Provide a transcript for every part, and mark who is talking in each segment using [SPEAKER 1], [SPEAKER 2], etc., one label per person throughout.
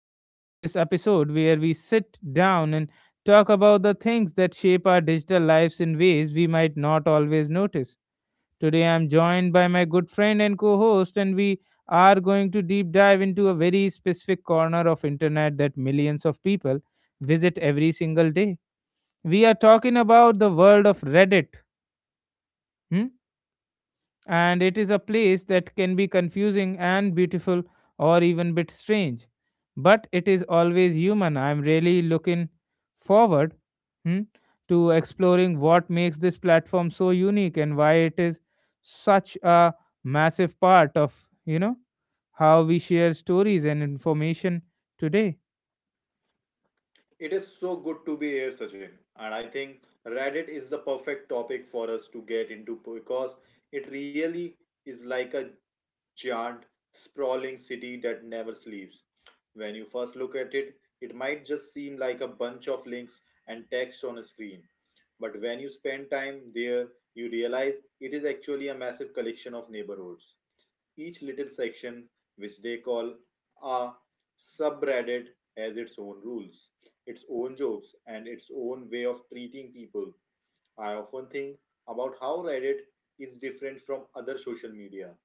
[SPEAKER 1] us for this episode where we sit down and talk about the things that shape our digital lives in ways we might not always notice. Today, I'm joined by my good friend and co host, and we are going to deep dive into a very specific corner of internet that millions of people visit every single day. We are talking about the world of Reddit. hmm? And it is a place that can be confusing and beautiful or even bit strange, but it is always human. I'm really looking forward, hmm, to exploring what makes this platform so unique and why it is such a massive part of how we share stories and information today.
[SPEAKER 2] It is so good to be here, Sachin. And I think Reddit is the perfect topic for us to get into because it really is like a giant, sprawling city that never sleeps. When you first look at it, it might just seem like a bunch of links and text on a screen. But when you spend time there, you realize it is actually a massive collection of neighborhoods. Each little section, which they call a subreddit, has its own rules, its own jokes, and its own way of treating people. I often think about how Reddit is different from other social media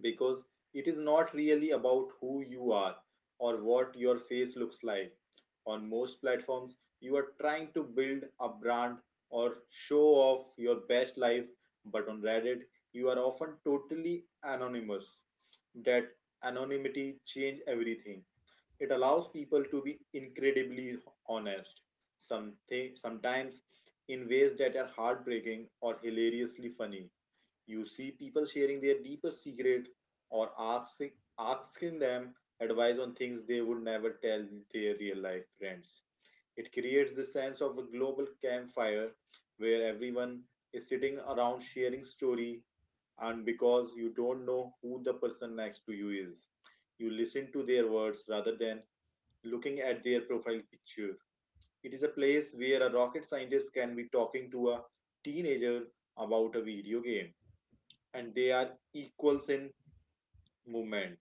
[SPEAKER 2] because it is not really about who you are or what your face looks like. On most platforms, you are trying to build a brand or show off your best life, but on Reddit, you are often totally anonymous. That anonymity changed everything. It allows people to be incredibly honest, something sometimes in ways that are heartbreaking or hilariously funny. You see people sharing their deepest secret or asking them advice on things they would never tell their real life friends. It creates the sense of a global campfire where everyone is sitting around sharing story, and because you don't know who the person next to you is, you listen to their words rather than looking at their profile picture. It is a place where a rocket scientist can be talking to a teenager about a video game and they are equals in movement.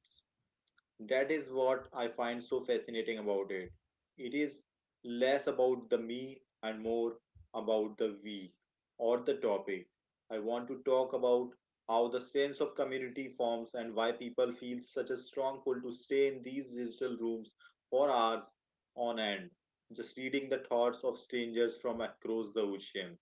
[SPEAKER 2] That is what I find so fascinating about it. It is less about the me and more about the we or the topic. I want to talk about how the sense of community forms and why people feel such a strong pull to stay in these digital rooms for hours on end, just reading the thoughts of strangers from across the ocean.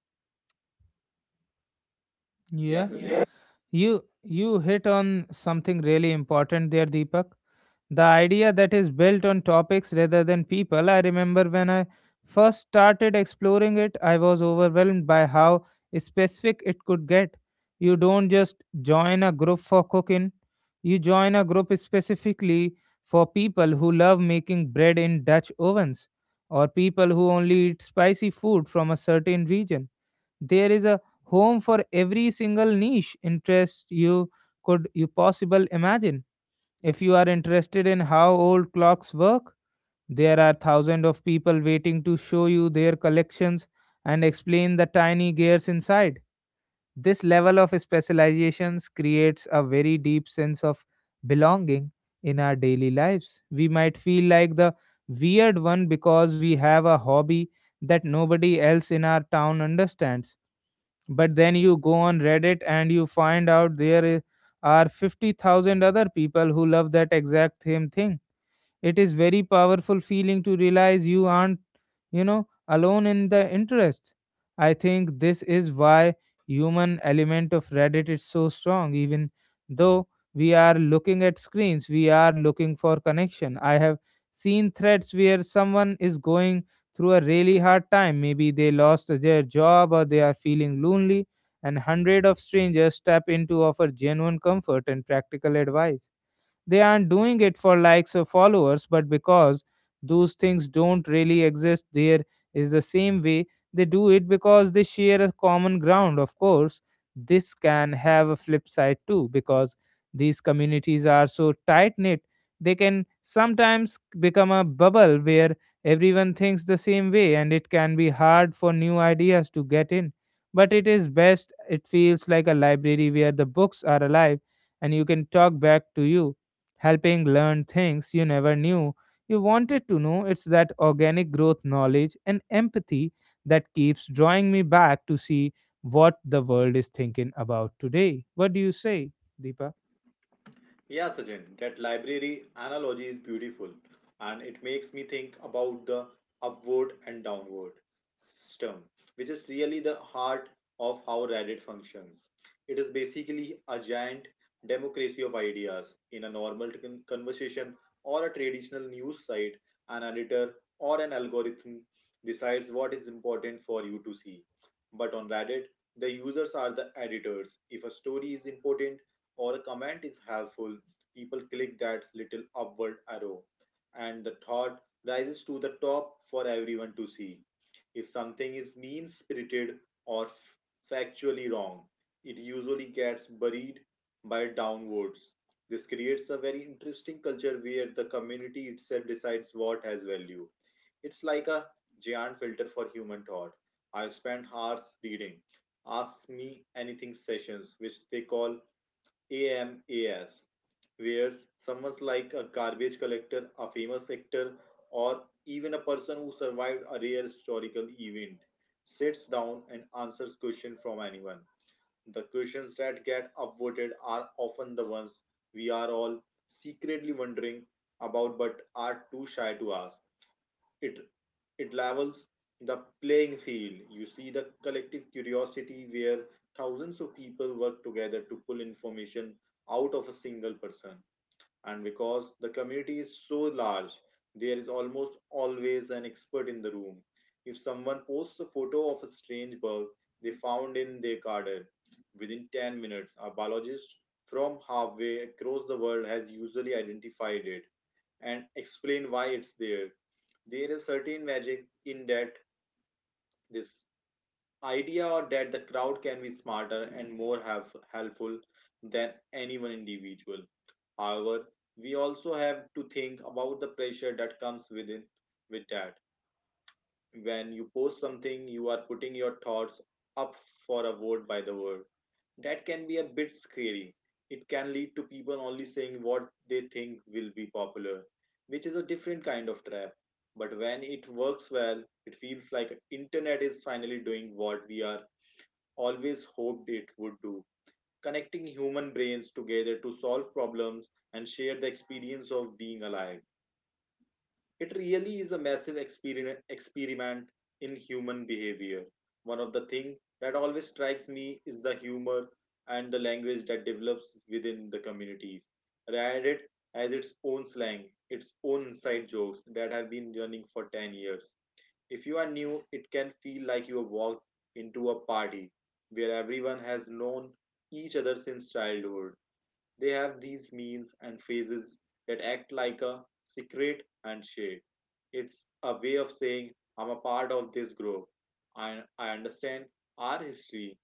[SPEAKER 1] Yeah,
[SPEAKER 2] Yes, Sachin.
[SPEAKER 1] you hit on something really important there, Deepak. The idea that is built on topics rather than people. I remember when I first started exploring it, I was overwhelmed by how specific it could get. You don't just join a group for cooking, you join a group specifically for people who love making bread in Dutch ovens or people who only eat spicy food from a certain region. There is a home for every single niche interest you could you possible imagine. If you are interested in how old clocks work, there are thousands of people waiting to show you their collections and explain the tiny gears inside. This level of specializations creates a very deep sense of belonging in our daily lives. We might feel like the weird one because we have a hobby that nobody else in our town understands, but then you go on Reddit and you find out there are 50,000 other people who love that exact same thing. It is very powerful feeling to realize you aren't, you know, alone in the interest. I think this is why human element of Reddit is so strong. Even though we are looking at screens, we are looking for connection. I have seen threads where someone is going through a really hard time. Maybe they lost their job or they are feeling lonely, and hundred of strangers step in to offer genuine comfort and practical advice. They aren't doing it for likes or followers, but because those things don't really exist there is the same way they do it because they share a common ground. Of course, this can have a flip side too, because these communities are so tight knit, they can sometimes become a bubble where everyone thinks the same way, and it can be hard for new ideas to get in. But it is best, it feels like a library where the books are alive and you can talk back to you, helping learn things you never knew you wanted to know. It's that organic growth knowledge and empathy that keeps drawing me back to see what the world is thinking about today. What do you say, Deepa?
[SPEAKER 2] Yeah, Sachin, that library analogy is beautiful and it makes me think about the upward and downward system, which is really the heart of how Reddit functions. It is basically a giant democracy of ideas. In a normal conversation or a traditional news site, an editor or an algorithm decides what is important for you to see. But on Reddit, the users are the editors. If a story is important, or a comment is helpful, people click that little upward arrow, and the thought rises to the top for everyone to see. If something is mean spirited or factually wrong, it usually gets buried by downwards. This creates a very interesting culture where the community itself decides what has value. It's like a giant filter for human thought. I spent hours reading Ask Me Anything sessions, which they call AMAS, where someone like a garbage collector, a famous actor, or even a person who survived a rare historical event sits down and answers questions from anyone. The questions that get upvoted are often the ones we are all secretly wondering about but are too shy to ask it it levels the playing field. You see the collective curiosity where thousands of people work together to pull information out of a single person. And because the community is so large, there is almost always an expert in the room. If someone posts a photo of a strange bug they found in their garden, within 10 minutes, a biologist from halfway across the world has usually identified it and explained why it's there. There is certain magic in that this idea or that the crowd can be smarter and more helpful than any one individual. However, we also have to think about the pressure that comes with that. When you post something, you are putting your thoughts up for a vote by the world. That can be a bit scary. It can lead to people only saying what they think will be popular, which is a different kind of trap. But when it works well, it feels like internet is finally doing what we are always hoped it would do, connecting human brains together to solve problems and share the experience of being alive. It really is a massive experiment in human behavior. One of the things that always strikes me is the humor and the language that develops within the communities. Reddit has its own slang, its own inside jokes that have been running for 10 years. If you are new, it can feel like you have walked into a party where everyone has known each other since childhood. They have these means and phases that act like a secret handshake. It's a way of saying, I'm a part of this group. I understand our history.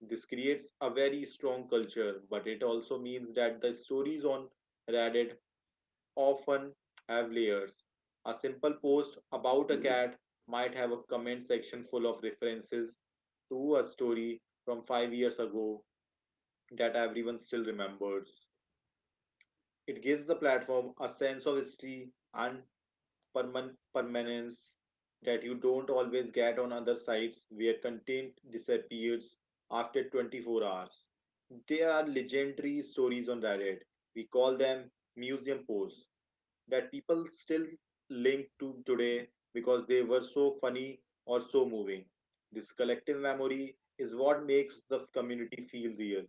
[SPEAKER 2] This creates a very strong culture, but it also means that the stories on Reddit often have layers. A simple post about a cat might have a comment section full of references to a story from 5 years ago that everyone still remembers. It gives the platform a sense of history and permanence that you don't always get on other sites where content disappears after 24 hours. There are legendary stories on Reddit. We call them museum posts that people still link to today because they were so funny or so moving. This collective memory is what makes the community feel real.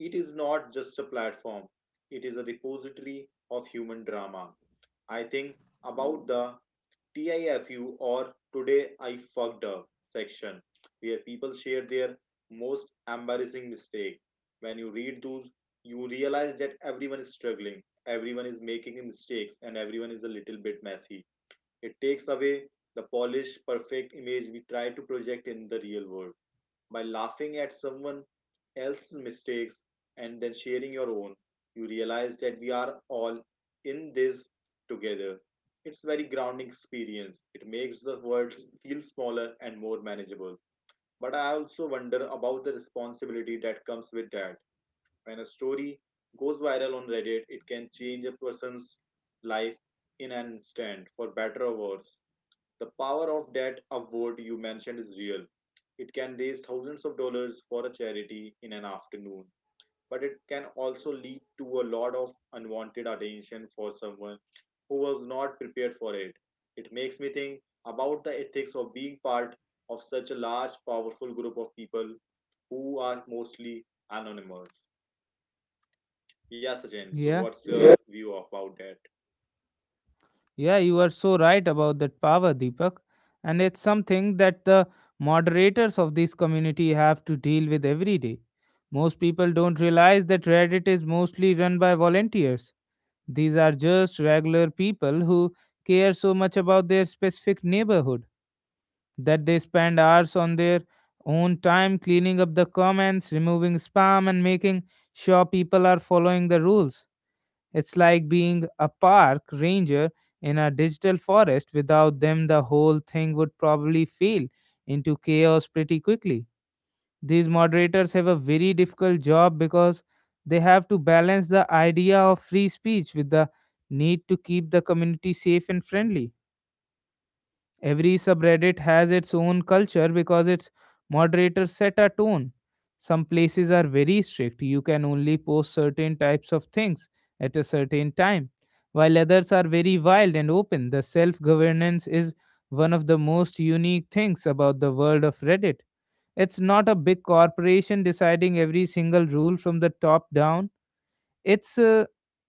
[SPEAKER 2] It is not just a platform, it is a repository of human drama. I think about the TIFU or Today I Fucked Up section, where people share their most embarrassing mistake. When you read those, you realize that everyone is struggling, everyone is making mistakes, and everyone is a little bit messy. It takes away the polished, perfect image we try to project in the real world. By laughing at someone else's mistakes and then sharing your own, you realize that we are all in this together. It's very grounding experience. It makes the world feel smaller and more manageable. But I also wonder about the responsibility that comes with that. When a story goes viral on Reddit, it can change a person's life in an instant, for better or worse. The power of that award you mentioned is real. It can raise thousands of dollars for a charity in an afternoon, but it can also lead to a lot of unwanted attention for someone who was not prepared for it. It makes me think about the ethics of being part of such a large, powerful group of people who are mostly anonymous. Yeah, Sachin, so
[SPEAKER 1] Yeah,
[SPEAKER 2] what's Yeah. your view about that?
[SPEAKER 1] yeah, you are so right about that power, Deepak. And it's something that the moderators of this community have to deal with every day. Most people don't realize that Reddit is mostly run by volunteers. These are just regular people who care so much about their specific neighborhood that they spend hours on their own time cleaning up the comments, removing spam, and making sure people are following the rules. It's like being a park ranger in a digital forest. Without them, the whole thing would probably fail into chaos pretty quickly. These moderators have a very difficult job because they have to balance the idea of free speech with the need to keep the community safe and friendly. Every subreddit has its own culture because its moderators set a tone. Some places are very strict, you can only post certain types of things at a certain time, while others are very wild and open. The self governance is one of the most unique things about the world of Reddit. It's not a big corporation deciding every single rule from the top down. It's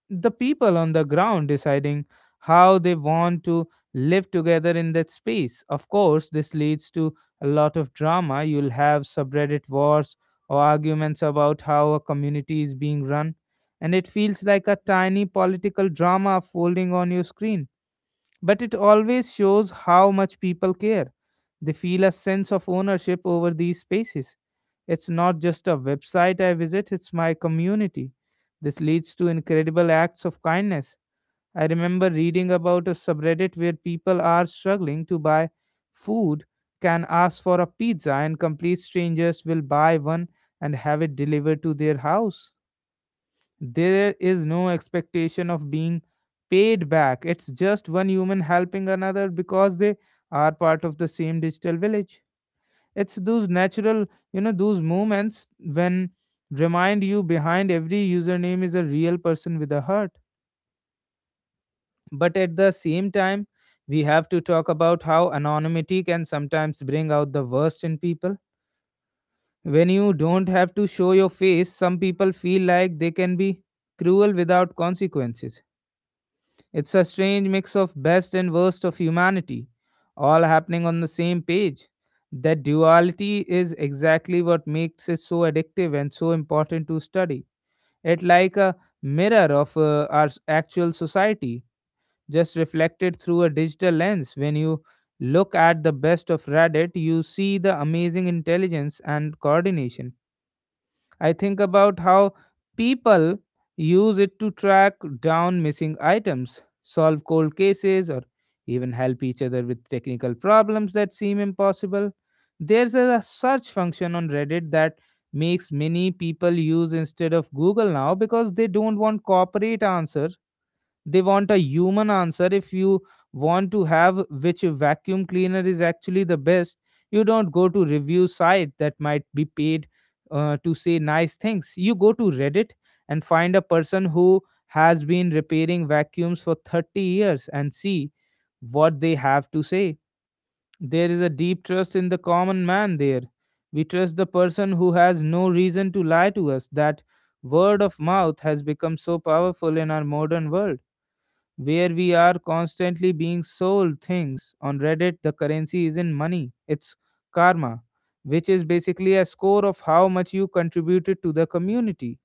[SPEAKER 1] the people on the ground deciding how they want to live together in that space. Of course, this leads to a lot of drama. You'll have subreddit wars or arguments about how a community is being run, and it feels like a tiny political drama folding on your screen. But it always shows how much people care. They feel a sense of ownership over these spaces. It's not just a website I visit, it's my community. This leads to incredible acts of kindness. I remember reading about a subreddit where people are struggling to buy food, can ask for a pizza, and complete strangers will buy one and have it delivered to their house. There is no expectation of being paid back. It's just one human helping another because they are part of the same digital village. It's those natural, you know, those moments when remind you behind every username is a real person with a heart. But at the same time, we have to talk about how anonymity can sometimes bring out the worst in people. When you don't have to show your face, some people feel like they can be cruel without consequences. It's a strange mix of best and worst of humanity, all happening on the same page. That duality is exactly what makes it so addictive and so important to study. It like a mirror of our actual society, just reflected through a digital lens. When you look at the best of Reddit, you see the amazing intelligence and coordination. I think about how people use it to track down missing items, solve cold cases, or even help each other with technical problems that seem impossible. There's a search function on Reddit that makes many people use instead of Google now because they don't want corporate answers, they want a human answer. If you want to have which vacuum cleaner is actually the best, you don't go to review site that might be paid to say nice things. You go to Reddit and find a person who has been repairing vacuums for 30 years and see what they have to say. There is a deep trust in the common man there. We trust the person who has no reason to lie to us. That word of mouth has become so powerful in our modern world where we are constantly being sold things. On Reddit, the currency isn't money, it's karma, which is basically a score of how much you contributed to the community.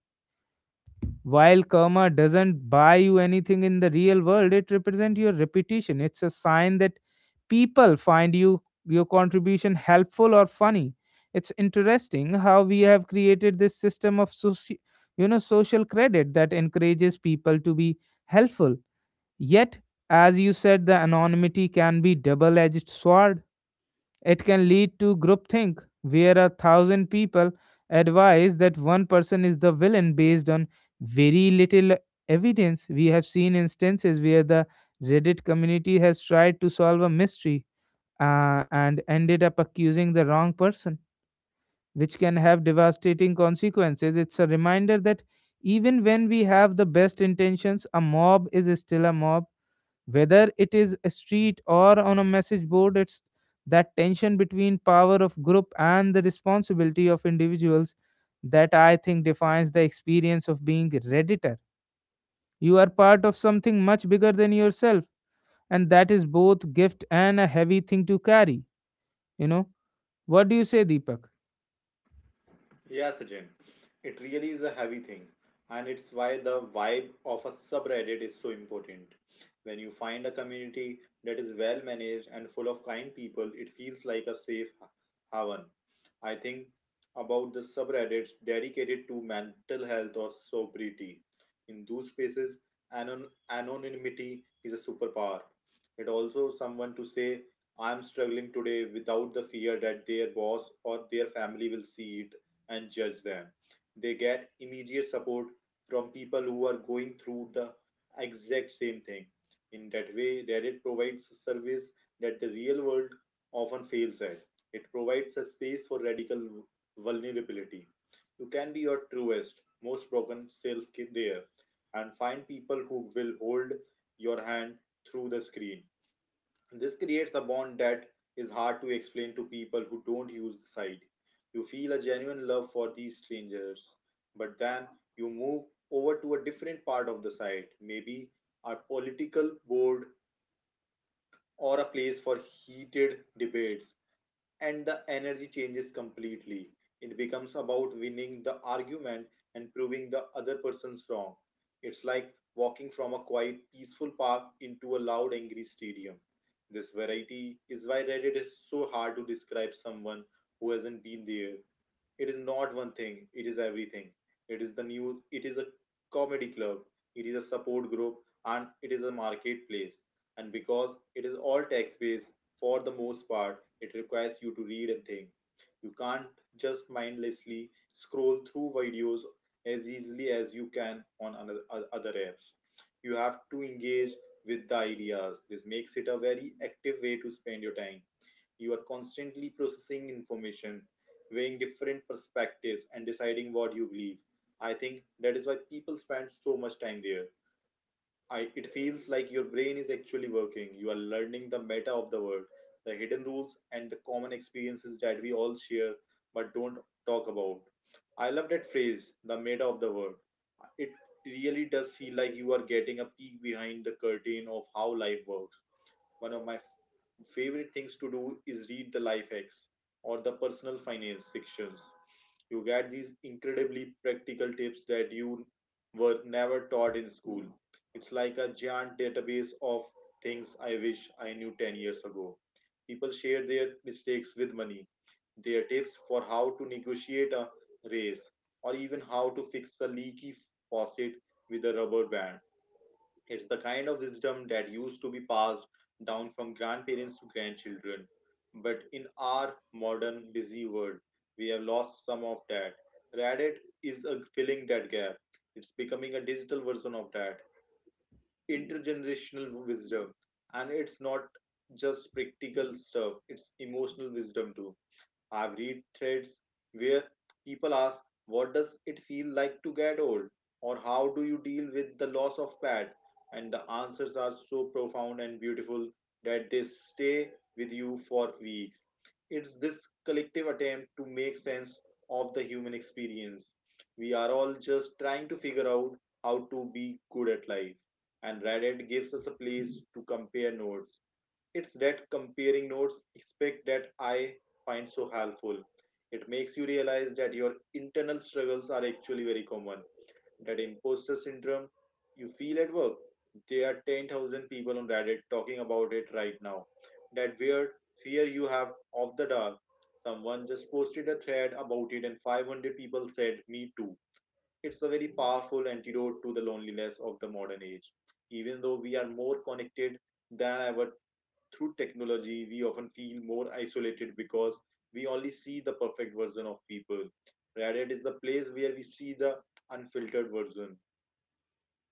[SPEAKER 1] While karma doesn't buy you anything in the real world, it represents your reputation. It's a sign that people find you your contribution helpful or funny. It's interesting how we have created this system of social credit that encourages people to be helpful. Yet, as you said, the anonymity can be double-edged sword. It can lead to groupthink, where a thousand people advise that one person is the villain based on very little evidence. We have seen instances where the Reddit community has tried to solve a mystery, and ended up accusing the wrong person, which can have devastating consequences. It's a reminder that even when we have the best intentions, a mob is still a mob, whether it is a street or on a message board. It's that tension between power of group and the responsibility of individuals that I think defines the experience of being redditor. You are part of something much bigger than yourself, and that is both gift and a heavy thing to carry, you know. What do you say, Deepak?
[SPEAKER 2] Yeah, Sachin, it really is a heavy thing, and it's why the vibe of a subreddit is so important. When you find a community that is well managed and full of kind people, it feels like a safe haven. I think about the subreddits dedicated to mental health or sobriety. In those spaces, anonymity is a superpower. It also someone to say, I'm struggling today without the fear that their boss or their family will see it and judge them. They get immediate support from people who are going through the exact same thing. In that way, Reddit provides a service that the real world often fails at. It provides a space for radical vulnerability. You can be your truest, most broken self there and find people who will hold your hand through the screen. This creates a bond that is hard to explain to people who don't use the site. You feel a genuine love for these strangers, but then you move over to a different part of the site, maybe a political board or a place for heated debates, and the energy changes completely. It becomes about winning the argument and proving the other person's wrong. It's like walking from a quiet, peaceful park into a loud, angry stadium. This variety is why Reddit is so hard to describe someone who hasn't been there. It is not one thing, it is everything. It is the news, it is a comedy club, it is a support group, and it is a marketplace. And because it is all text based, for the most part, it requires you to read and think. You can't just mindlessly scroll through videos as easily as you can on other apps. You have to engage with the ideas. This makes it a very active way to spend your time. You are constantly processing information, weighing different perspectives, and deciding what you believe. I think that is why people spend so much time there. It feels like your brain is actually working. You are learning the meta of the world, the hidden rules, and the common experiences that we all share but don't talk about. I love that phrase, the meta of the world. It really does feel like you are getting a peek behind the curtain of how life works. One of my favorite things to do is read the life hacks or the personal finance sections. You get these incredibly practical tips that you were never taught in school. It's like a giant database of things I wish I knew 10 years ago. People share their mistakes with money, their tips for how to negotiate a raise, or even how to fix a leaky faucet with a rubber band. It's the kind of wisdom that used to be passed down from grandparents to grandchildren. But in our modern busy world, we have lost some of that. Reddit is filling that gap. It's becoming a digital version of that intergenerational wisdom. And it's not just practical stuff, it's emotional wisdom too. I've read threads where people ask, "What does it feel like to get old?" Or, "How do you deal with the loss of pet?" And the answers are so profound and beautiful that they stay with you for weeks. It's this collective attempt to make sense of the human experience. We are all just trying to figure out how to be good at life. And Reddit gives us a place to compare notes. It's that comparing notes aspect that I find so helpful. It makes you realize that your internal struggles are actually very common. That imposter syndrome you feel at work, there are 10,000 people on Reddit talking about it right now. That weird fear you have of the dark. Someone just posted a thread about it, and 500 people said, "Me too." It's a very powerful antidote to the loneliness of the modern age. Even though we are more connected than ever through technology, we often feel more isolated because we only see the perfect version of people. Reddit is the place where we see the unfiltered version.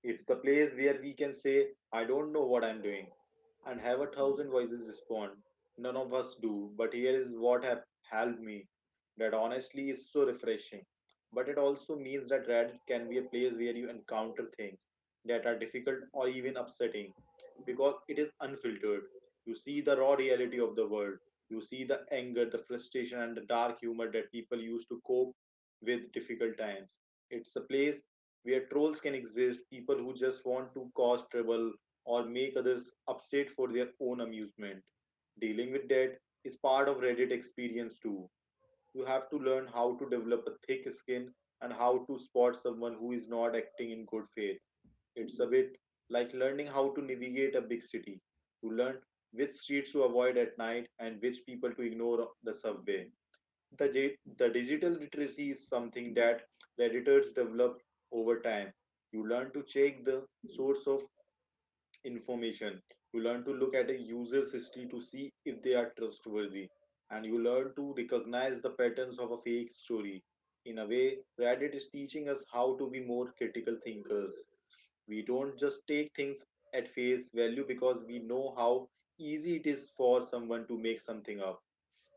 [SPEAKER 2] It's the place where we can say, "I don't know what I'm doing," and have a thousand voices respond. "None of us do, but here is what have helped me." That honestly is so refreshing. But it also means that Reddit can be a place where you encounter things that are difficult or even upsetting because it is unfiltered. You see the raw reality of the world. You see the anger, the frustration, and the dark humor that people use to cope with difficult times. It's a place where trolls can exist, people who just want to cause trouble, or make others upset for their own amusement. Dealing with that is part of Reddit experience too. You have to learn how to develop a thick skin and how to spot someone who is not acting in good faith. It's a bit like learning how to navigate a big city. You learn which streets to avoid at night and which people to ignore on the subway. The digital literacy is something that Redditors develop over time. You learn to check the source of information. You learn to look at a user's history to see if they are trustworthy, and you learn to recognize the patterns of a fake story. In a way, Reddit is teaching us how to be more critical thinkers. We don't just take things at face value because we know how easy it is for someone to make something up.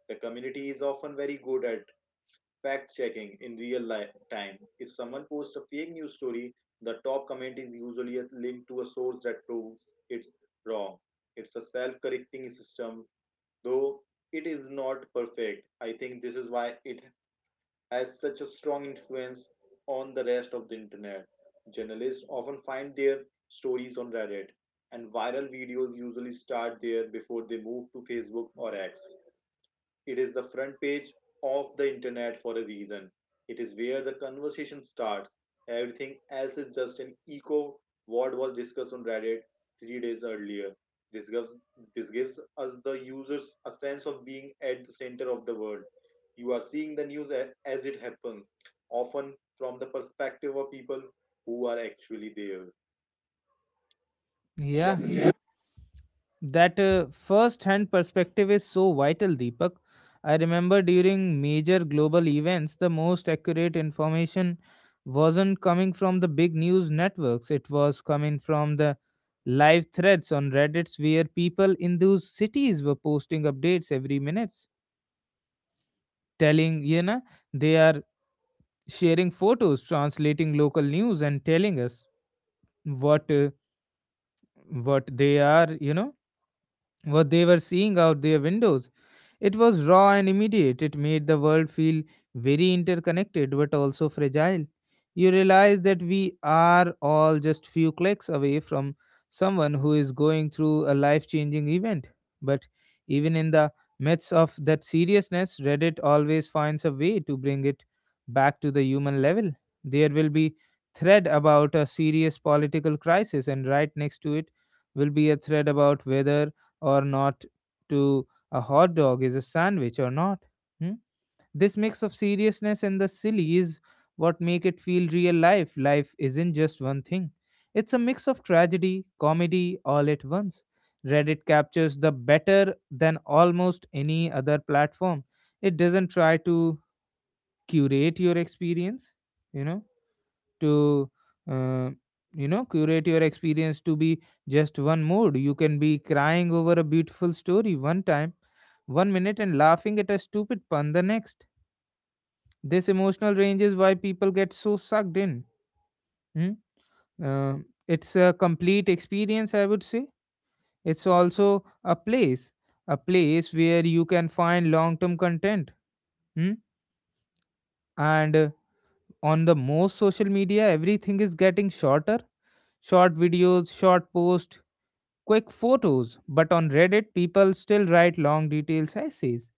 [SPEAKER 2] The community is often very good at fact checking in real life time. If someone posts a fake news story, the top comment is usually a link to a source that proves it's wrong. It's a self correcting system, though it is not perfect. I think this is why it has such a strong influence on the rest of the internet. Journalists often find their stories on Reddit, and viral videos usually start there before they move to Facebook or X. It is the front page of the internet for a reason. It is where the conversation starts. Everything else is just an echo what was discussed on Reddit 3 days earlier. This gives this gives us the users a sense of being at the center of the world. You are seeing the news as it happens, often from the perspective of people who are actually there. Yes,
[SPEAKER 1] Yeah,
[SPEAKER 2] Ashwin?
[SPEAKER 1] that first hand perspective is so vital, Deepak. I remember during major global events, the most accurate information wasn't coming from the big news networks. It was coming from the live threads on reddits where people in those cities were posting updates every minute, telling they are sharing photos, translating local news, and telling us what uh, what they are you know what they were seeing out their windows. It was raw and immediate. It made the world feel very interconnected but also fragile. You realize that we are all just few clicks away from someone who is going through a life changing event. But even in the midst of that seriousness, Reddit always finds a way to bring it back to the human level. There will be thread about a serious political crisis and right next to it will be a thread about whether or not to a hot dog is a sandwich or not. Hmm? This mix of seriousness and the silly is what make it feel real life. Life isn't just one thing. It's a mix of tragedy, comedy all at once. Reddit captures the better than almost any other platform. It doesn't try to curate your experience, you know? To uh, curate your experience to be just one mood. You can be crying over a beautiful story one time one minute and laughing at a stupid pun the next. This emotional range is why people get so sucked in. Hmm? Uh, it's a complete experience, I would say. It's also a place, a place where you can find long term content. Hmm? And on the most social media, everything is getting shorter: short videos, short posts, quick photos. But on Reddit, people still write long detailed essays.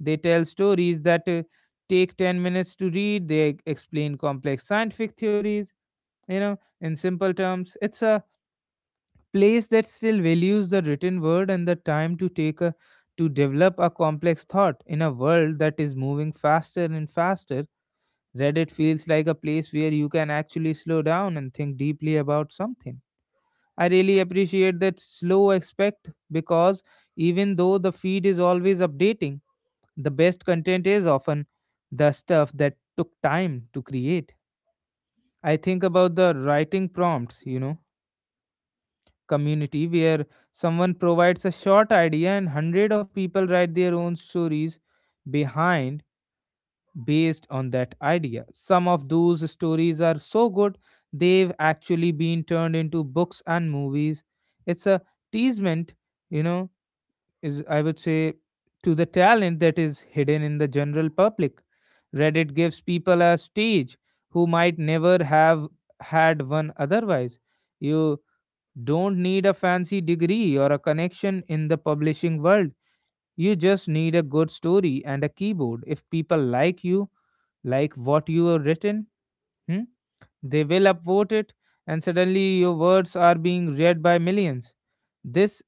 [SPEAKER 1] They tell stories that take 10 minutes to read, they explain complex scientific theories, you know, in simple terms. It's a place that still values the written word and the time to take a to develop a complex thought in a world that is moving faster and faster. Reddit feels like a place where you can actually slow down and think deeply about something. I really appreciate that slow aspect because even though the feed is always updating, the best content is often the stuff that took time to create. I think about the writing prompts, you know, community where someone provides a short idea and hundred of people write their own stories behind based on that idea. Some of those stories are so good they've actually been turned into books and movies. It's a teasement, you know, is I would say, to the talent that is hidden in the general public. Reddit gives people a stage who might never have had one otherwise. You don't need a fancy degree or a connection in the publishing world. You just need a good story and a keyboard. If people like you, like what you have written. Hmm? They will upvote it, and suddenly your words are being read by millions. This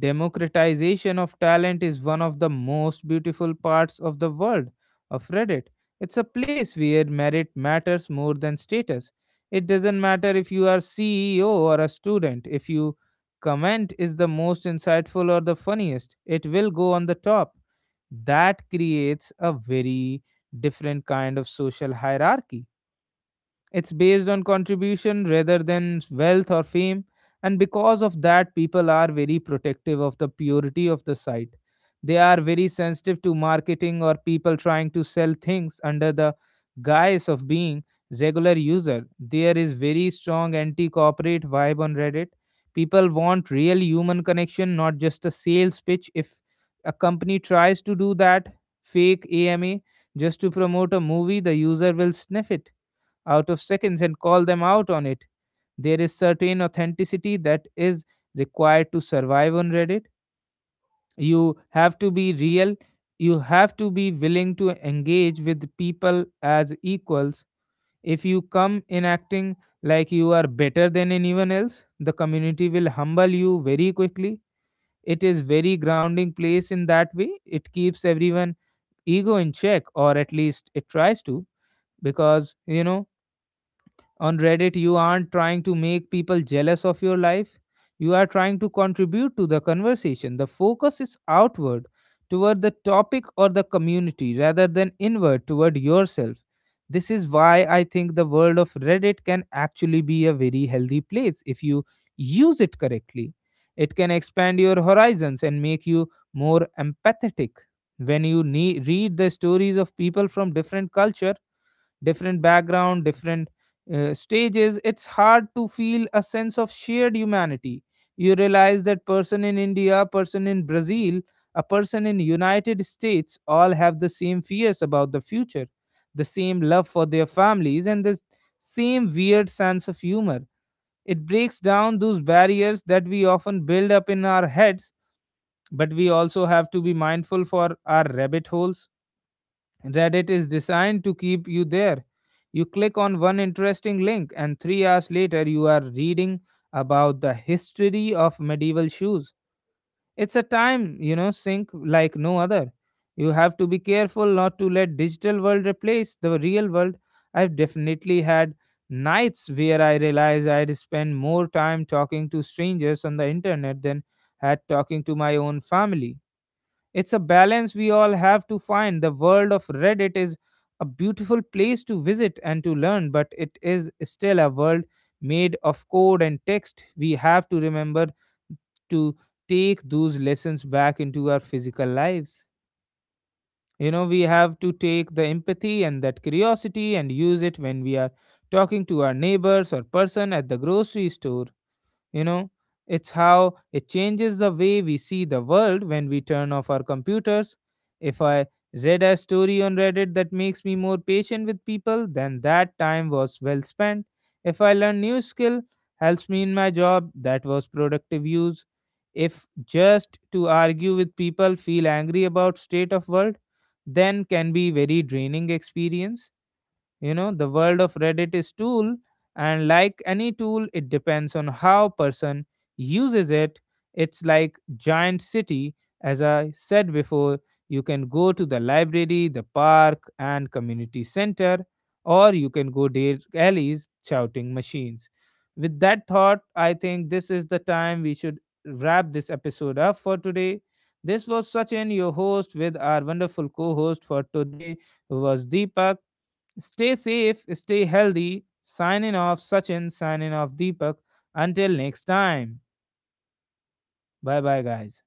[SPEAKER 1] democratization of talent is one of the most beautiful parts of the world of Reddit. It's a place where merit matters more than status. It doesn't matter if you are CEO or a student. If you comment is the most insightful or the funniest, it will go on the top. That creates a very different kind of social hierarchy. It's based on contribution rather than wealth or fame, and because of that, people are very protective of the purity of the site. They are very sensitive to marketing or people trying to sell things under the guise of being regular user. There is very strong anti-corporate vibe on Reddit. People want real human connection, not just a sales pitch. If a company tries to do that fake AMA just to promote a movie, the user will sniff it out of seconds and call them out on it. There is certain authenticity that is required to survive on Reddit. You have to be real. You have to be willing to engage with people as equals. If you come in acting like you are better than anyone else, the community will humble you very quickly. It is very grounding place in that way. It keeps everyone ego in check, or at least it tries to, because you know, on Reddit, you aren't trying to make people jealous of your life. You are trying to contribute to the conversation. The focus is outward toward the topic or the community rather than inward toward yourself. This is why I think the world of Reddit can actually be a very healthy place if you use it correctly. It can expand your horizons and make you more empathetic. When you read the stories of people from different culture, different background, different stages, it's hard to feel a sense of shared humanity. You realize that person in India, person in Brazil, a person in United States all have the same fears about the future, the same love for their families, and the same weird sense of humor. It breaks down those barriers that we often build up in our heads. But we also have to be mindful for our rabbit holes. Reddit is designed to keep you there. You click on one interesting link, and 3 hours later, you are reading about the history of medieval shoes. It's a time, you know, sink like no other. You have to be careful not to let digital world replace the real world. I've definitely had nights where I realized I'd spend more time talking to strangers on the internet than had talking to my own family. It's a balance we all have to find. The world of Reddit is a beautiful place to visit and to learn, but it is still a world made of code and text. We have to remember to take those lessons back into our physical lives. You know, we have to take the empathy and that curiosity and use it when we are talking to our neighbors or person at the grocery store, you know, it's how it changes the way we see the world when we turn off our computers. If I read a story on Reddit that makes me more patient with people, then that time was well spent. If I learn new skill, helps me in my job, that was productive use. If just to argue with people, feel angry about state of world, then can be very draining experience. You know, the world of Reddit is tool, and like any tool, it depends on how person uses it. It's like giant city. As I said before, you can go to the library, the park, and community center, or you can go dare alleys shouting machines. With that thought, I think this is the time we should wrap this episode up for today. This was Sachin, your host, with our wonderful co-host for today, who was Deepak. Stay safe, stay healthy. Signing off, Sachin, signing off, Deepak. Until next time. Bye bye, guys.